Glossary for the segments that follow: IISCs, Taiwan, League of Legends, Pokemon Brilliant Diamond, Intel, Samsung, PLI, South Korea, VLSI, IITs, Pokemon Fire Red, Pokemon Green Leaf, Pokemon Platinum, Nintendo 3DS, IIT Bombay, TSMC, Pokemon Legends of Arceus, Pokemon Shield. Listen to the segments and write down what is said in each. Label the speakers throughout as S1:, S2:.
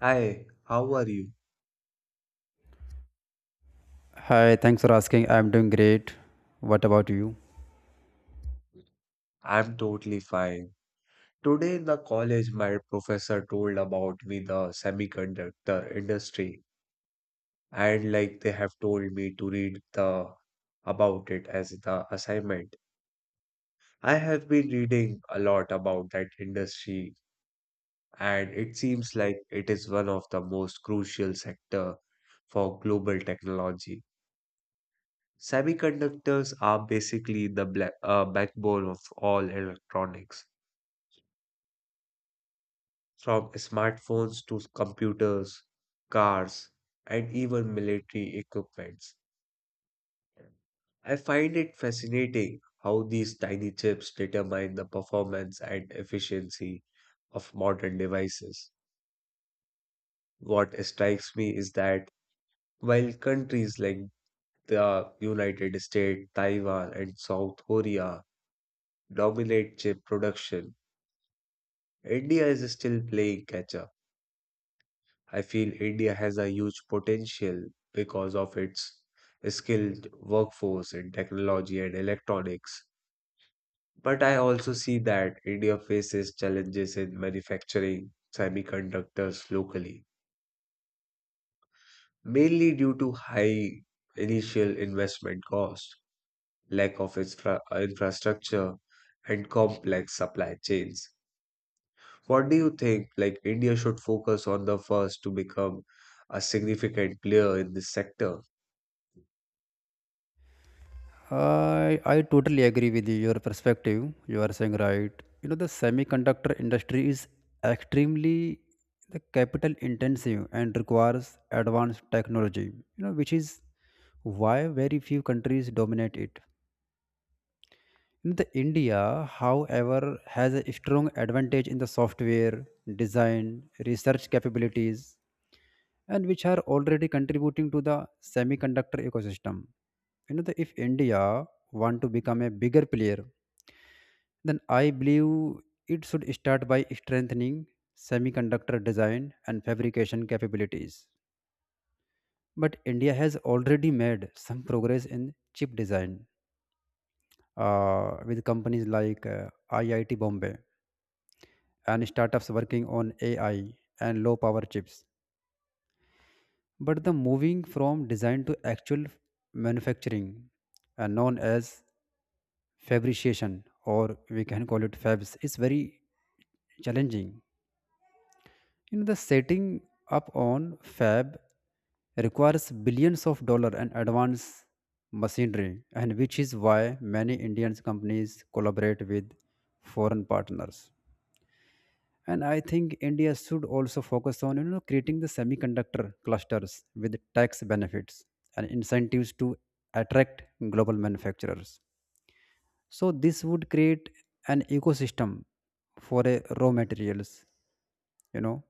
S1: Hi, how are you?
S2: Hi, thanks for asking. I'm doing great. What about you?
S1: I'm totally fine. Today in the college, my professor told about me the semiconductor industry, and like they have told me to read the about it as the assignment. I have been reading a lot about that industry, and it seems like it is one of the most crucial sector for global technology. Semiconductors are basically the backbone of all electronics from smartphones to computers, cars, and even military equipments. I find it fascinating how these tiny chips determine the performance and efficiency of modern devices. What strikes me is that while countries like the United States, Taiwan, and South Korea dominate chip production, India is still playing catch up. I feel India has a huge potential because of its skilled workforce in technology and electronics. But I also see that India faces challenges in manufacturing semiconductors locally, mainly due to high initial investment cost, lack of infrastructure, and complex supply chains. What do you think? Like, India should focus on the first to become a significant player in this sector?
S2: I totally agree with you, your perspective. You are saying right. You know the semiconductor industry is extremely the capital intensive and requires advanced technology. You know which is why very few countries dominate it. The India, however, has a strong advantage in the software, design, research capabilities, and which are already contributing to the semiconductor ecosystem. You know, the, if India want to become a bigger player, then I believe it should start by strengthening semiconductor design and fabrication capabilities. But India has already made some progress in chip design with companies like IIT Bombay and startups working on AI and low power chips. But the moving from design to actual manufacturing, known as fabrication, or we can call it fabs, is very challenging. You know, the setting up on fab requires billions of dollars and advanced machinery, and which is why many Indian companies collaborate with foreign partners, and I think India should also focus on, you know, creating the semiconductor clusters with tax benefits and incentives to attract global manufacturers. So this would create an ecosystem for raw materials, you know,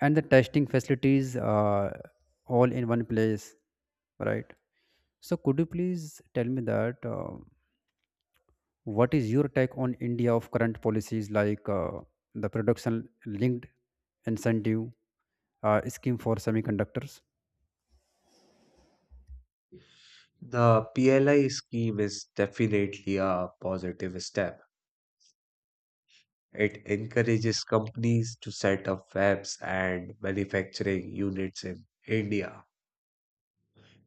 S2: and the testing facilities, all in one place, right? So could you please tell me that what is your take on India of current policies like, the production linked incentive scheme for semiconductors.
S1: The PLI scheme is definitely a positive step. It encourages companies to set up fabs and manufacturing units in India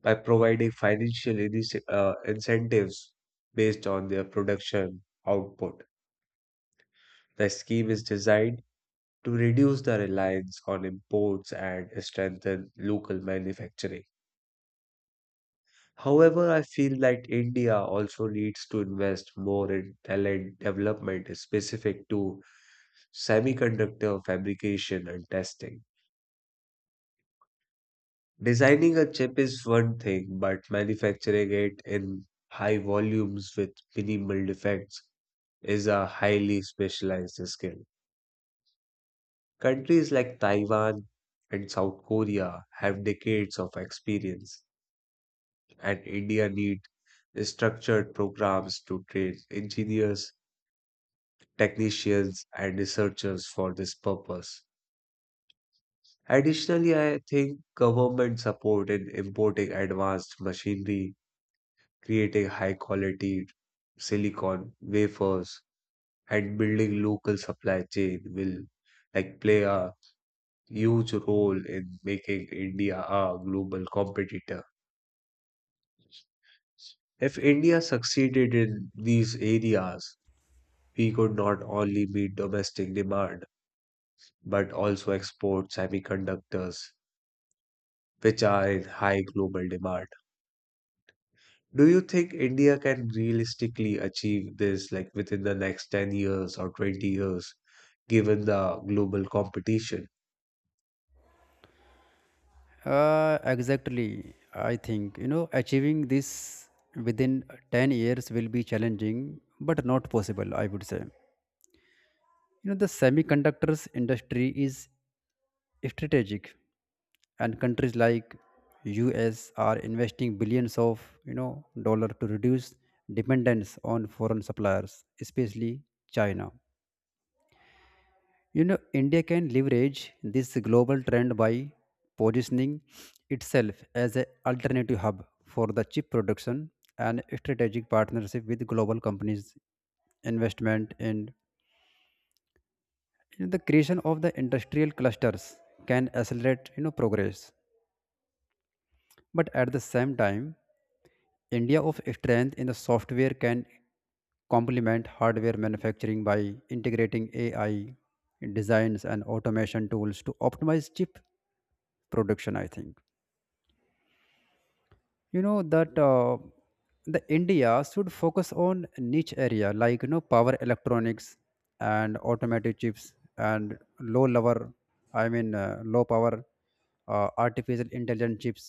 S1: by providing financial incentives based on their production output. The scheme is designed to reduce the reliance on imports and strengthen local manufacturing. However, I feel that India also needs to invest more in talent development specific to semiconductor fabrication and testing. Designing a chip is one thing, but manufacturing it in high volumes with minimal defects is a highly specialized skill. Countries like Taiwan and South Korea have decades of experience, and India needs structured programs to train engineers technicians, and researchers for this purpose. Additionally, I think government support in importing advanced machinery, creating high quality silicon wafers, and building local supply chain will like play a huge role in making India a global competitor. If India succeeded in these areas, we could not only meet domestic demand but also export semiconductors which are in high global demand. Do you think India can realistically achieve this like within the next 10 years or 20 years, given the global competition?
S2: Exactly, I think, you know, achieving this within 10 years will be challenging, but not possible. I would say, you know, the semiconductors industry is strategic, and countries like U.S. are investing billions of, you know, dollar to reduce dependence on foreign suppliers, especially China. You know, India can leverage this global trend by positioning itself as an alternative hub for the chip production and strategic partnership with global companies, investment, and, you know, the creation of the industrial clusters can accelerate, you know, progress. But at the same time, India of strength in the software can complement hardware manufacturing by integrating AI designs and automation tools to optimize chip production. I think, you know, that the India should focus on niche area like, you know, power electronics and automatic chips and low level I mean low power artificial intelligence chips,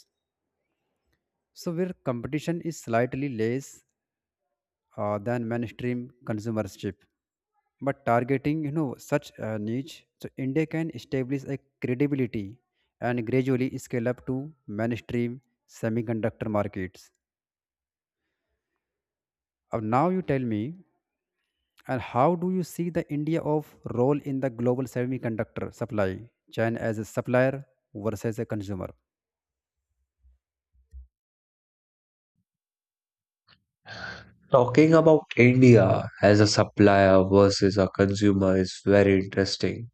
S2: so where competition is slightly less than mainstream consumership. But targeting, you know, such a niche, so India can establish a credibility and gradually scale up to mainstream semiconductor markets. Now you tell me, and how do you see the India of role in the global semiconductor supply chain as a supplier versus a consumer?
S1: Talking about India as a supplier versus a consumer is very interesting.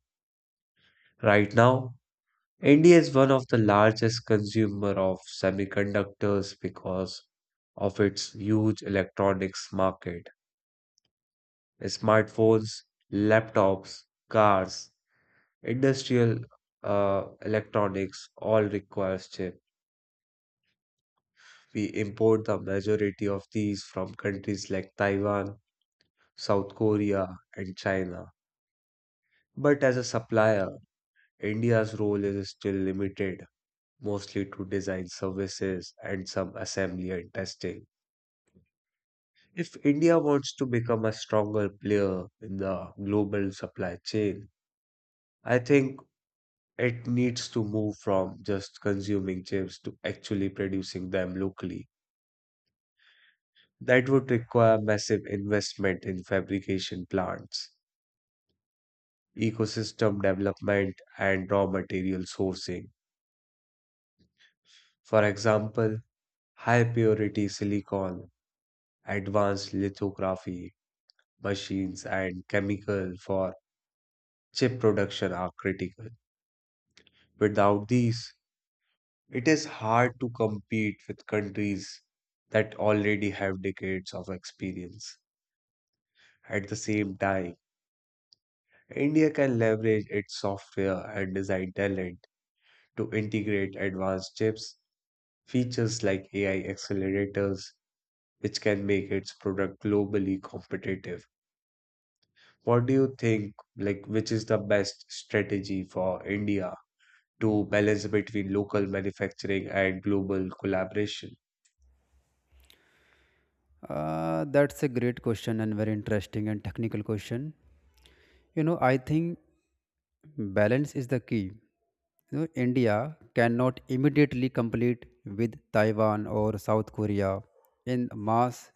S1: Right now, India is one of the largest consumer of semiconductors because of its huge electronics market. Smartphones, laptops, cars, industrial electronics all requires chip. We import the majority of these from countries like Taiwan, South Korea, and China. But as a supplier, India's role is still limited, mostly to design services and some assembly and testing. If India wants to become a stronger player in the global supply chain, I think it needs to move from just consuming chips to actually producing them locally. That would require massive investment in fabrication plants, ecosystem development, and raw material sourcing. For example, high purity silicon, advanced lithography machines, and chemical for chip production are critical. Without these, it is hard to compete with countries that already have decades of experience. At the same time, India can leverage its software and design talent to integrate advanced chips, features like AI accelerators, which can make its product globally competitive. What do you think, like, which is the best strategy for India to balance between local manufacturing and global collaboration?
S2: That's a great question and very interesting and technical question. You know, I think balance is the key. You know, India cannot immediately compete with Taiwan or South Korea in mass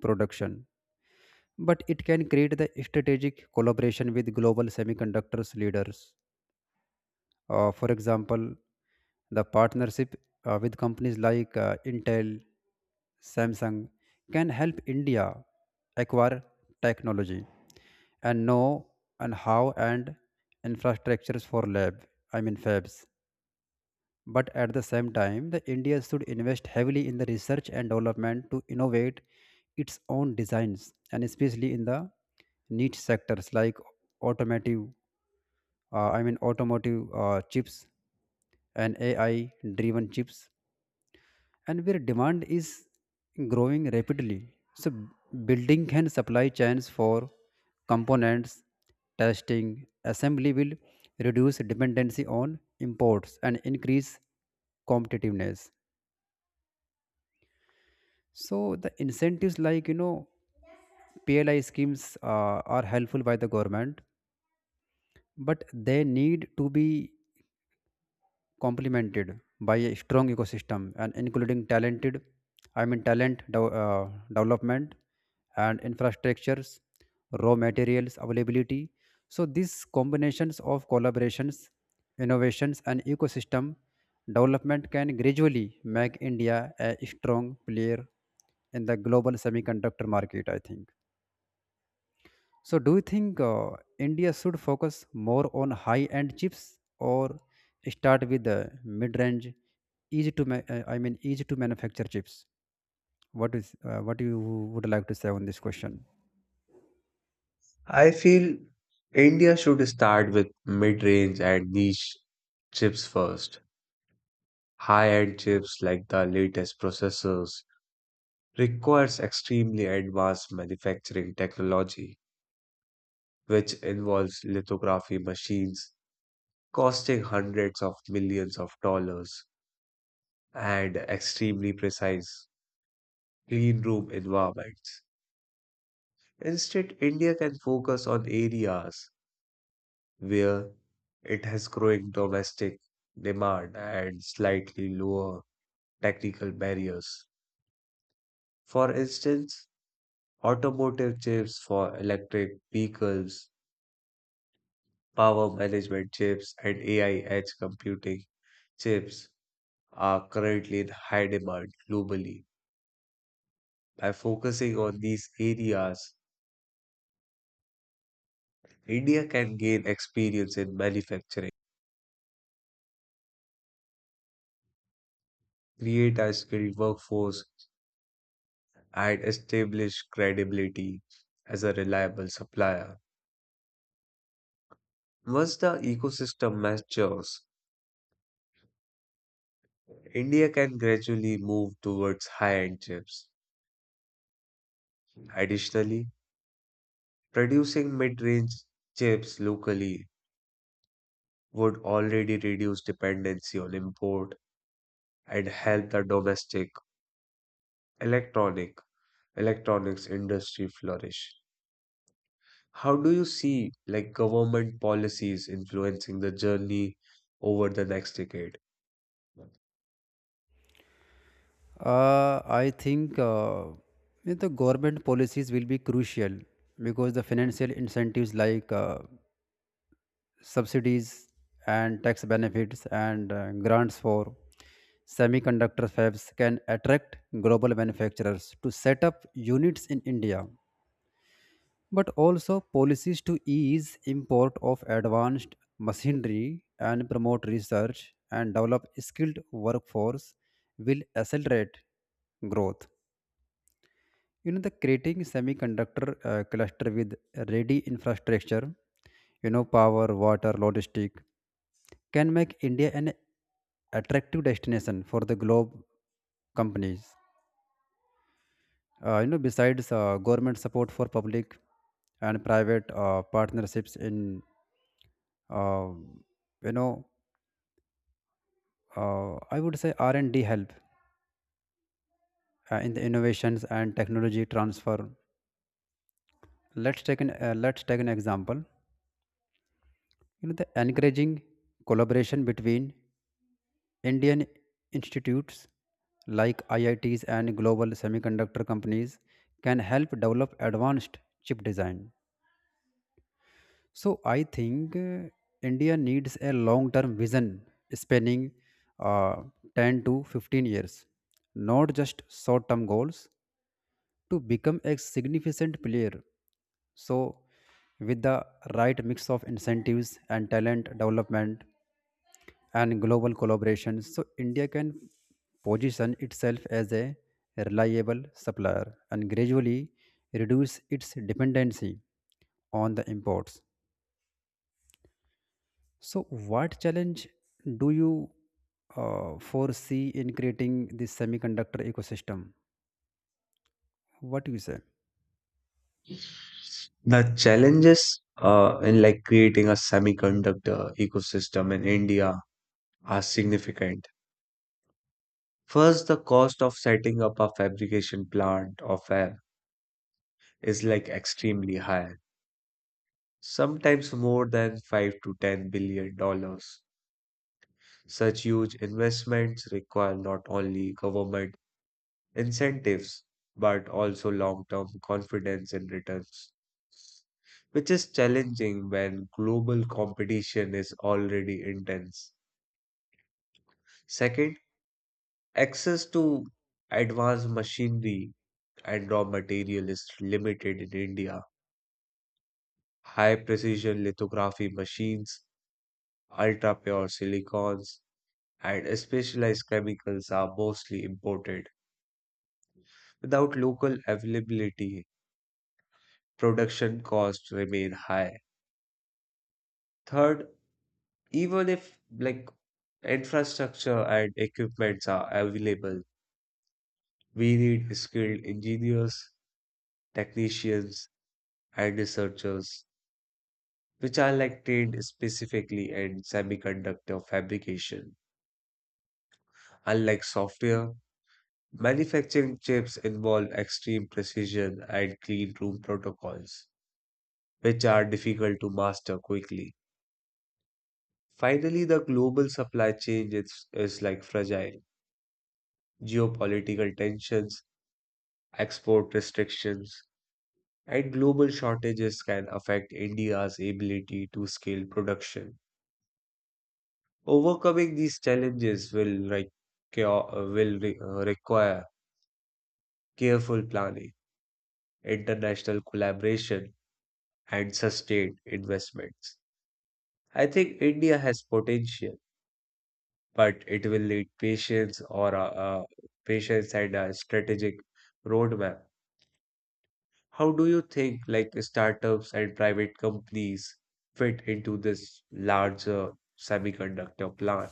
S2: production, but it can create the strategic collaboration with global semiconductors leaders. For example, the partnership with companies like Intel, Samsung can help India acquire technology and know and how and infrastructures for lab, I mean fabs. But at the same time, the India should invest heavily in the research and development to innovate its own designs, and especially in the niche sectors like automotive I mean automotive chips and AI driven chips, and where demand is growing rapidly. So, building and supply chains for components, testing, assembly will reduce dependency on imports and increase competitiveness. So, the incentives like, you know, PLI schemes are helpful by the government, but they need to be complemented by a strong ecosystem, and including talented I mean talent dev- development and infrastructures, raw materials availability. So these combinations of collaborations, innovations, and ecosystem development can gradually make India a strong player in the global semiconductor market, I think. So, do you think India should focus more on high-end chips, or start with the mid-range, easy to ma- I mean easy to manufacture chips? What is what you would like to say on this question?
S1: I feel India should start with mid-range and niche chips first. High-end chips like the latest processors requires extremely advanced manufacturing technology, which involves lithography machines costing hundreds of millions of dollars and extremely precise clean room environments. Instead, India can focus on areas where it has growing domestic demand and slightly lower technical barriers. For instance, automotive chips for electric vehicles, power management chips, and AI edge computing chips are currently in high demand globally. By focusing on these areas, India can gain experience in manufacturing, create a skilled workforce, and establish credibility as a reliable supplier. Once the ecosystem matures, India can gradually move towards high-end chips. Additionally, producing mid-range chips locally would already reduce dependency on import and help the domestic electronic electronics industry flourish. How do you see like government policies influencing the journey over the next decade?
S2: I think, you know, the government policies will be crucial, because the financial incentives like subsidies and tax benefits and grants for semiconductor fabs can attract global manufacturers to set up units in India, but also policies to ease import of advanced machinery and promote research and develop skilled workforce will accelerate growth. You know, the creating semiconductor cluster with ready infrastructure, you know, power, water, logistic, can make India an attractive destination for the globe companies. You know, besides government support for public and private partnerships in, uh, you know, I would say R and D help in the innovations and technology transfer. Let's take an example. You know, the encouraging collaboration between Indian institutes like IITs and global semiconductor companies can help develop advanced chip design. So I think India needs a long-term vision spanning uh, 10 to 15 years, not just short-term goals, to become a significant player. So with the right mix of incentives and talent development, and global collaboration, so India can position itself as a reliable supplier and gradually reduce its dependency on the imports. So, what challenge do you foresee in creating this semiconductor ecosystem? What do you say?
S1: The challenges in like creating a semiconductor ecosystem in India are significant. First, the cost of setting up a fabrication plant or fab is like extremely high, sometimes more than $5 to $10 billion. Such huge investments require not only government incentives, but also long term confidence in returns, which is challenging when global competition is already intense. Second, access to advanced machinery and raw material is limited in India. High precision lithography machines, ultra pure silicons, and specialized chemicals are mostly imported. Without local availability, production costs remain high. Third, even if like infrastructure and equipments are available, we need skilled engineers, technicians, and researchers, which are like trained specifically in semiconductor fabrication. Unlike software, manufacturing chips involve extreme precision and clean room protocols, which are difficult to master quickly. Finally, the global supply chain is like fragile. Geopolitical tensions, export restrictions, and global shortages can affect India's ability to scale production. Overcoming these challenges ca- will require careful planning, international collaboration, and sustained investments. I think India has potential, but it will need patience and a strategic roadmap. How do you think like startups and private companies fit into this larger semiconductor plan?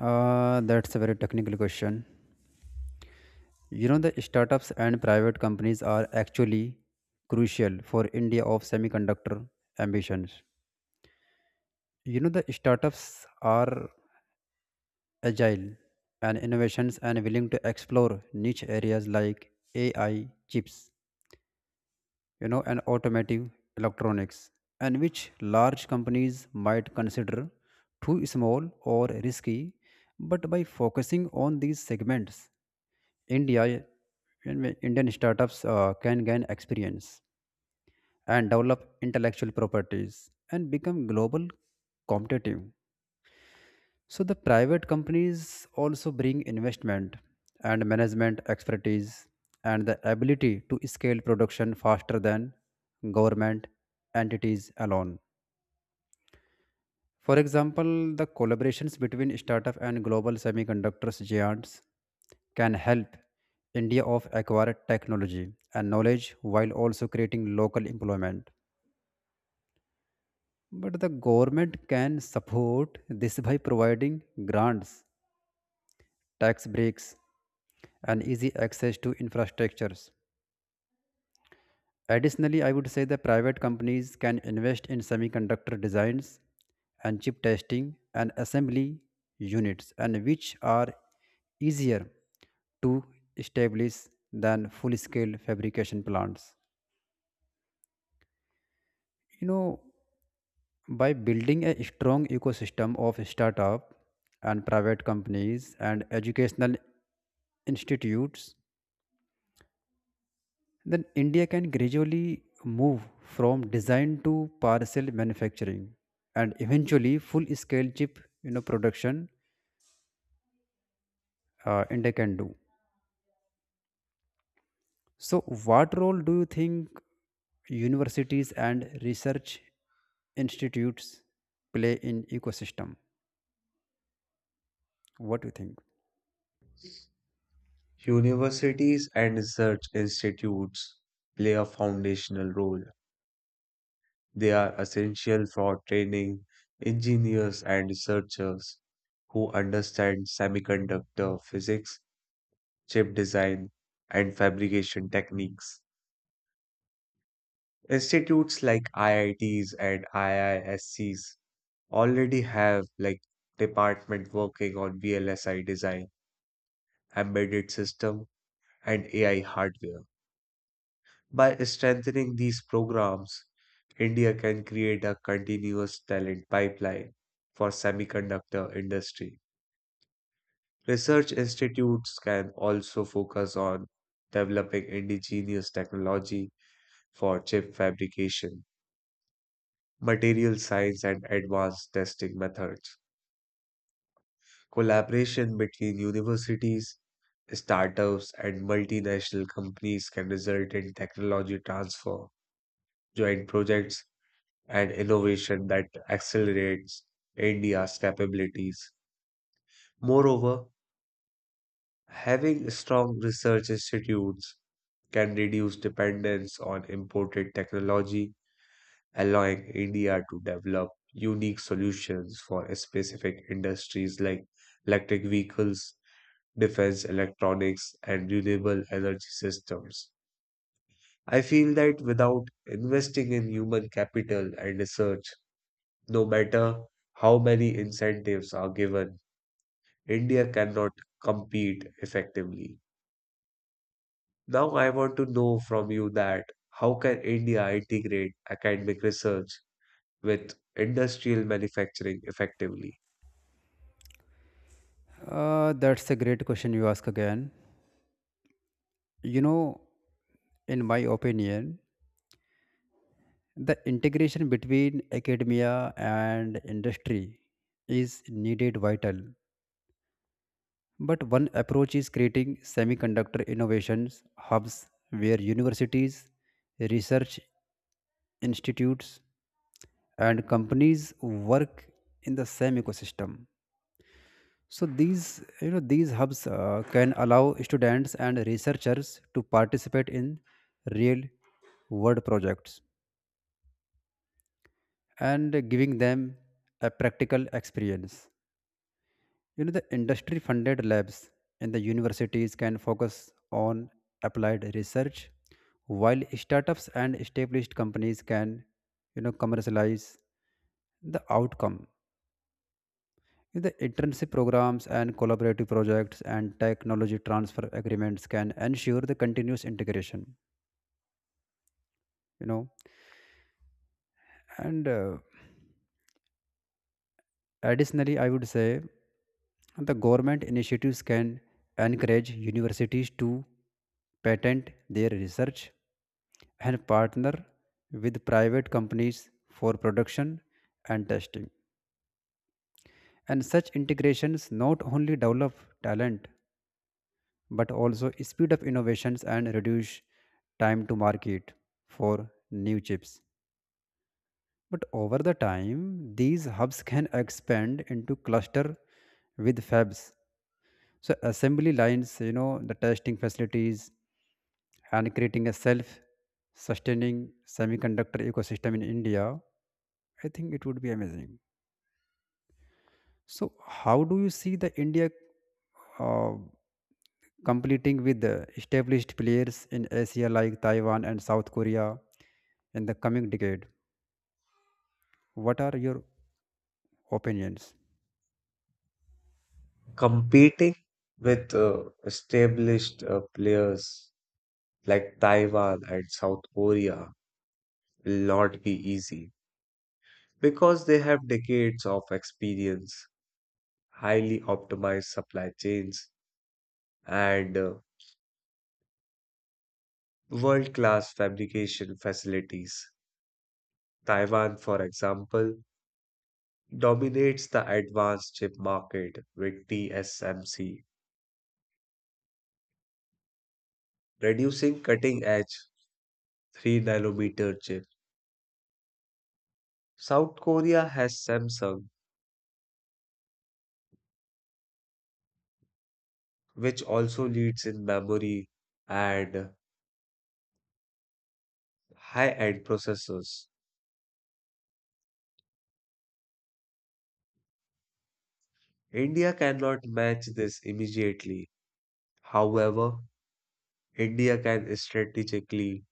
S2: That's a very technical question. You know, the startups and private companies are actually crucial for India of semiconductor ambitions. You know, the startups are agile and innovations and willing to explore niche areas like AI chips, you know, and automotive electronics, and which large companies might consider too small or risky. But by focusing on these segments, India, Indian startups can gain experience and develop intellectual properties and become global competitive. So the private companies also bring investment and management expertise and the ability to scale production faster than government entities alone. For example, the collaborations between startup and global semiconductors giants can help India of acquire technology and knowledge while also creating local employment. But the government can support this by providing grants, tax breaks, and easy access to infrastructures. Additionally, I would say the private companies can invest in semiconductor designs and chip testing and assembly units, and which are easier to establish than full scale fabrication plants. You know, by building a strong ecosystem of startup and private companies and educational institutes, then India can gradually move from design to parcel manufacturing and eventually full scale chip, you know, production, India can do. So what role do you think universities and research institutes play in ecosystem? What do you think?
S1: Universities and research institutes play a foundational role. They are essential for training engineers and researchers who understand semiconductor physics, chip design, and fabrication techniques. Institutes like IITs and IISCs already have like department working on VLSI design, embedded system, and AI hardware. By strengthening these programs, India can create a continuous talent pipeline for semiconductor industry. Research institutes can also focus on developing indigenous technology for chip fabrication, material science and advanced testing methods. Collaboration between universities startups and multinational companies can result in technology transfer, joint projects, and innovation that accelerates India's capabilities. Moreover, having strong research institutes can reduce dependence on imported technology, allowing India to develop unique solutions for specific industries like electric vehicles, defense electronics, and renewable energy systems. I feel that without investing in human capital and research, no matter how many incentives are given, India cannot compete effectively. Now, I want to know from you that how can India integrate academic research with industrial manufacturing effectively?
S2: That's a great question you ask again. You know, in my opinion, the integration between academia and industry is needed vital, but one approach is creating semiconductor innovations hubs where universities, research institutes, and companies work in the same ecosystem. So these, you know, these hubs can allow students and researchers to participate in real world projects and giving them a practical experience. You know, the industry funded labs and the universities can focus on applied research, while startups and established companies can, you know, commercialize the outcome. The internship programs and collaborative projects and technology transfer agreements can ensure the continuous integration, you know, and additionally, I would say the government initiatives can encourage universities to patent their research and partner with private companies for production and testing. And such integrations not only develop talent but also speed up innovations and reduce time to market for new chips. But over the time, these hubs can expand into cluster with fabs, so assembly lines, you know, the testing facilities, and creating a self sustaining semiconductor ecosystem in India, I think it would be amazing. So how do you see the India uh, competing with the established players in Asia like Taiwan and South Korea in the coming decade? What are your opinions?
S1: Competing with established players like Taiwan and South Korea will not be easy, because they have decades of experience, highly optimized supply chains, and world-class fabrication facilities. Taiwan, for example, dominates the advanced chip market with TSMC, producing cutting-edge 3 nanometer chips. South Korea has Samsung, which also leads in memory and high-end processors. India cannot match this immediately. However, India can strategically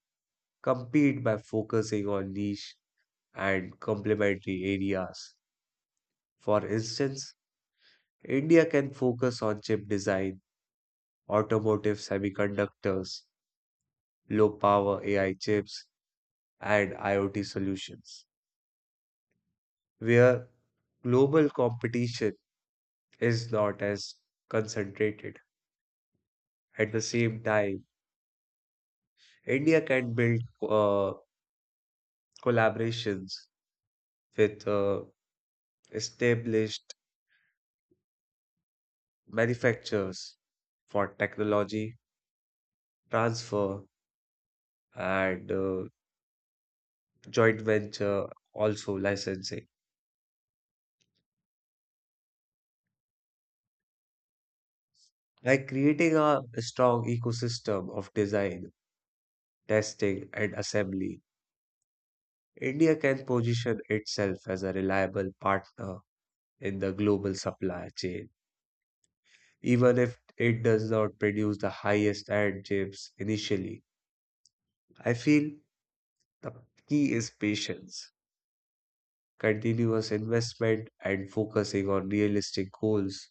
S1: compete by focusing on niche and complementary areas. For instance, India can focus on chip design, automotive semiconductors, low power AI chips, and IoT solutions, where global competition is not as concentrated. At the same time, India can build collaborations with established manufacturers for technology transfer and joint venture also licensing. Like creating a strong ecosystem of design testing and assembly, India can position itself as a reliable partner in the global supply chain even if it does not produce the highest end chips initially. I feel the key is patience, continuous investment and focusing on realistic goals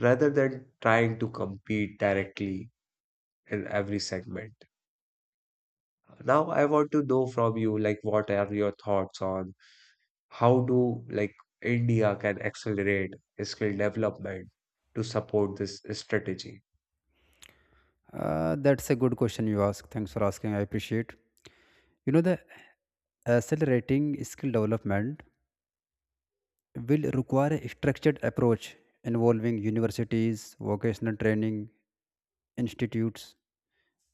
S1: rather than trying to compete directly in every segment. Now I want to know from you like what are your thoughts on how do like India can accelerate skill development to support this strategy.
S2: That's a good question you ask. Thanks for asking. I appreciate. You know, the accelerating skill development will require a structured approach involving universities, vocational training, institutes,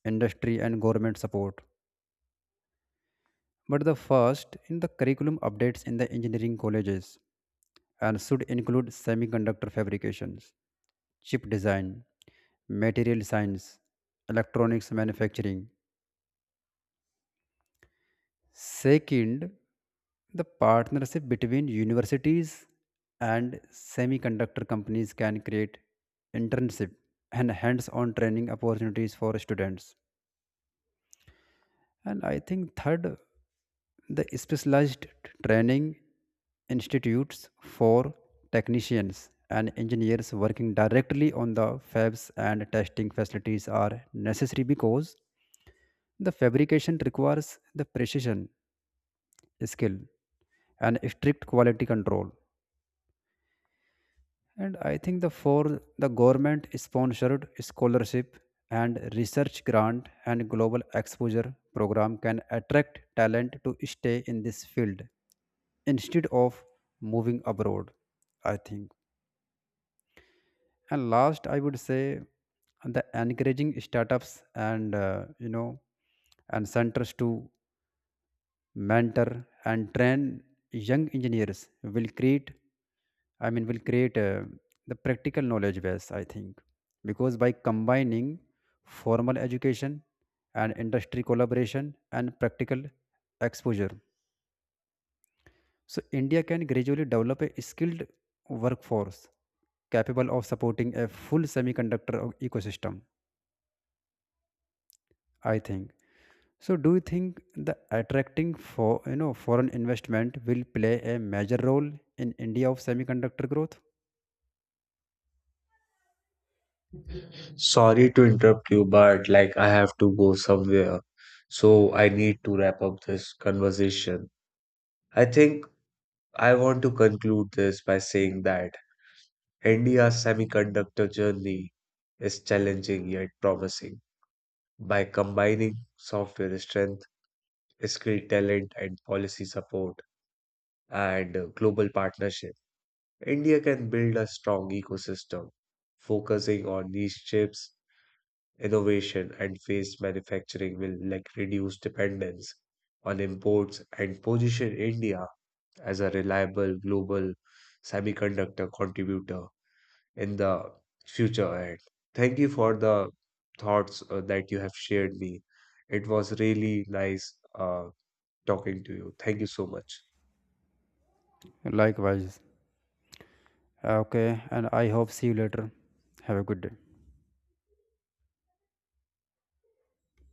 S2: industry, and government support. But the first in the curriculum updates in the engineering colleges and should include semiconductor fabrications, chip design, material science, electronics manufacturing. Second, the partnership between universities and semiconductor companies can create internship and hands-on training opportunities for students. And I think third, the specialized training institutes for technicians and engineers working directly on the fabs and testing facilities are necessary because the fabrication requires the precision skill and strict quality control. And I think the four the government sponsored scholarship and research grant and global exposure program can attract talent to stay in this field instead of moving abroad, I think. And last, I would say the encouraging startups and, you know, and centers to mentor and train young engineers will create, will create the practical knowledge base, I think, because by combining formal education and industry collaboration and practical exposure, so India can gradually develop a skilled workforce capable of supporting a full ecosystem, I think. So, do you think the attracting for, you know, foreign investment will play a major role in India of semiconductor growth?
S1: Sorry to interrupt you, but like I have to go somewhere. So I need to wrap up this conversation. I think I want to conclude this by saying that India's semiconductor journey is challenging yet promising. By combining software strength, skill talent, and policy support and global partnership, India can build a strong ecosystem. Focusing on niche chips, innovation, and phased manufacturing will like reduce dependence on imports and position India as a reliable global semiconductor contributor in the future. And thank you for the thoughts that you have shared me. It was really nice uh, talking to you. Thank you so much.
S2: Likewise. Okay, and I hope see you later. Have a good day.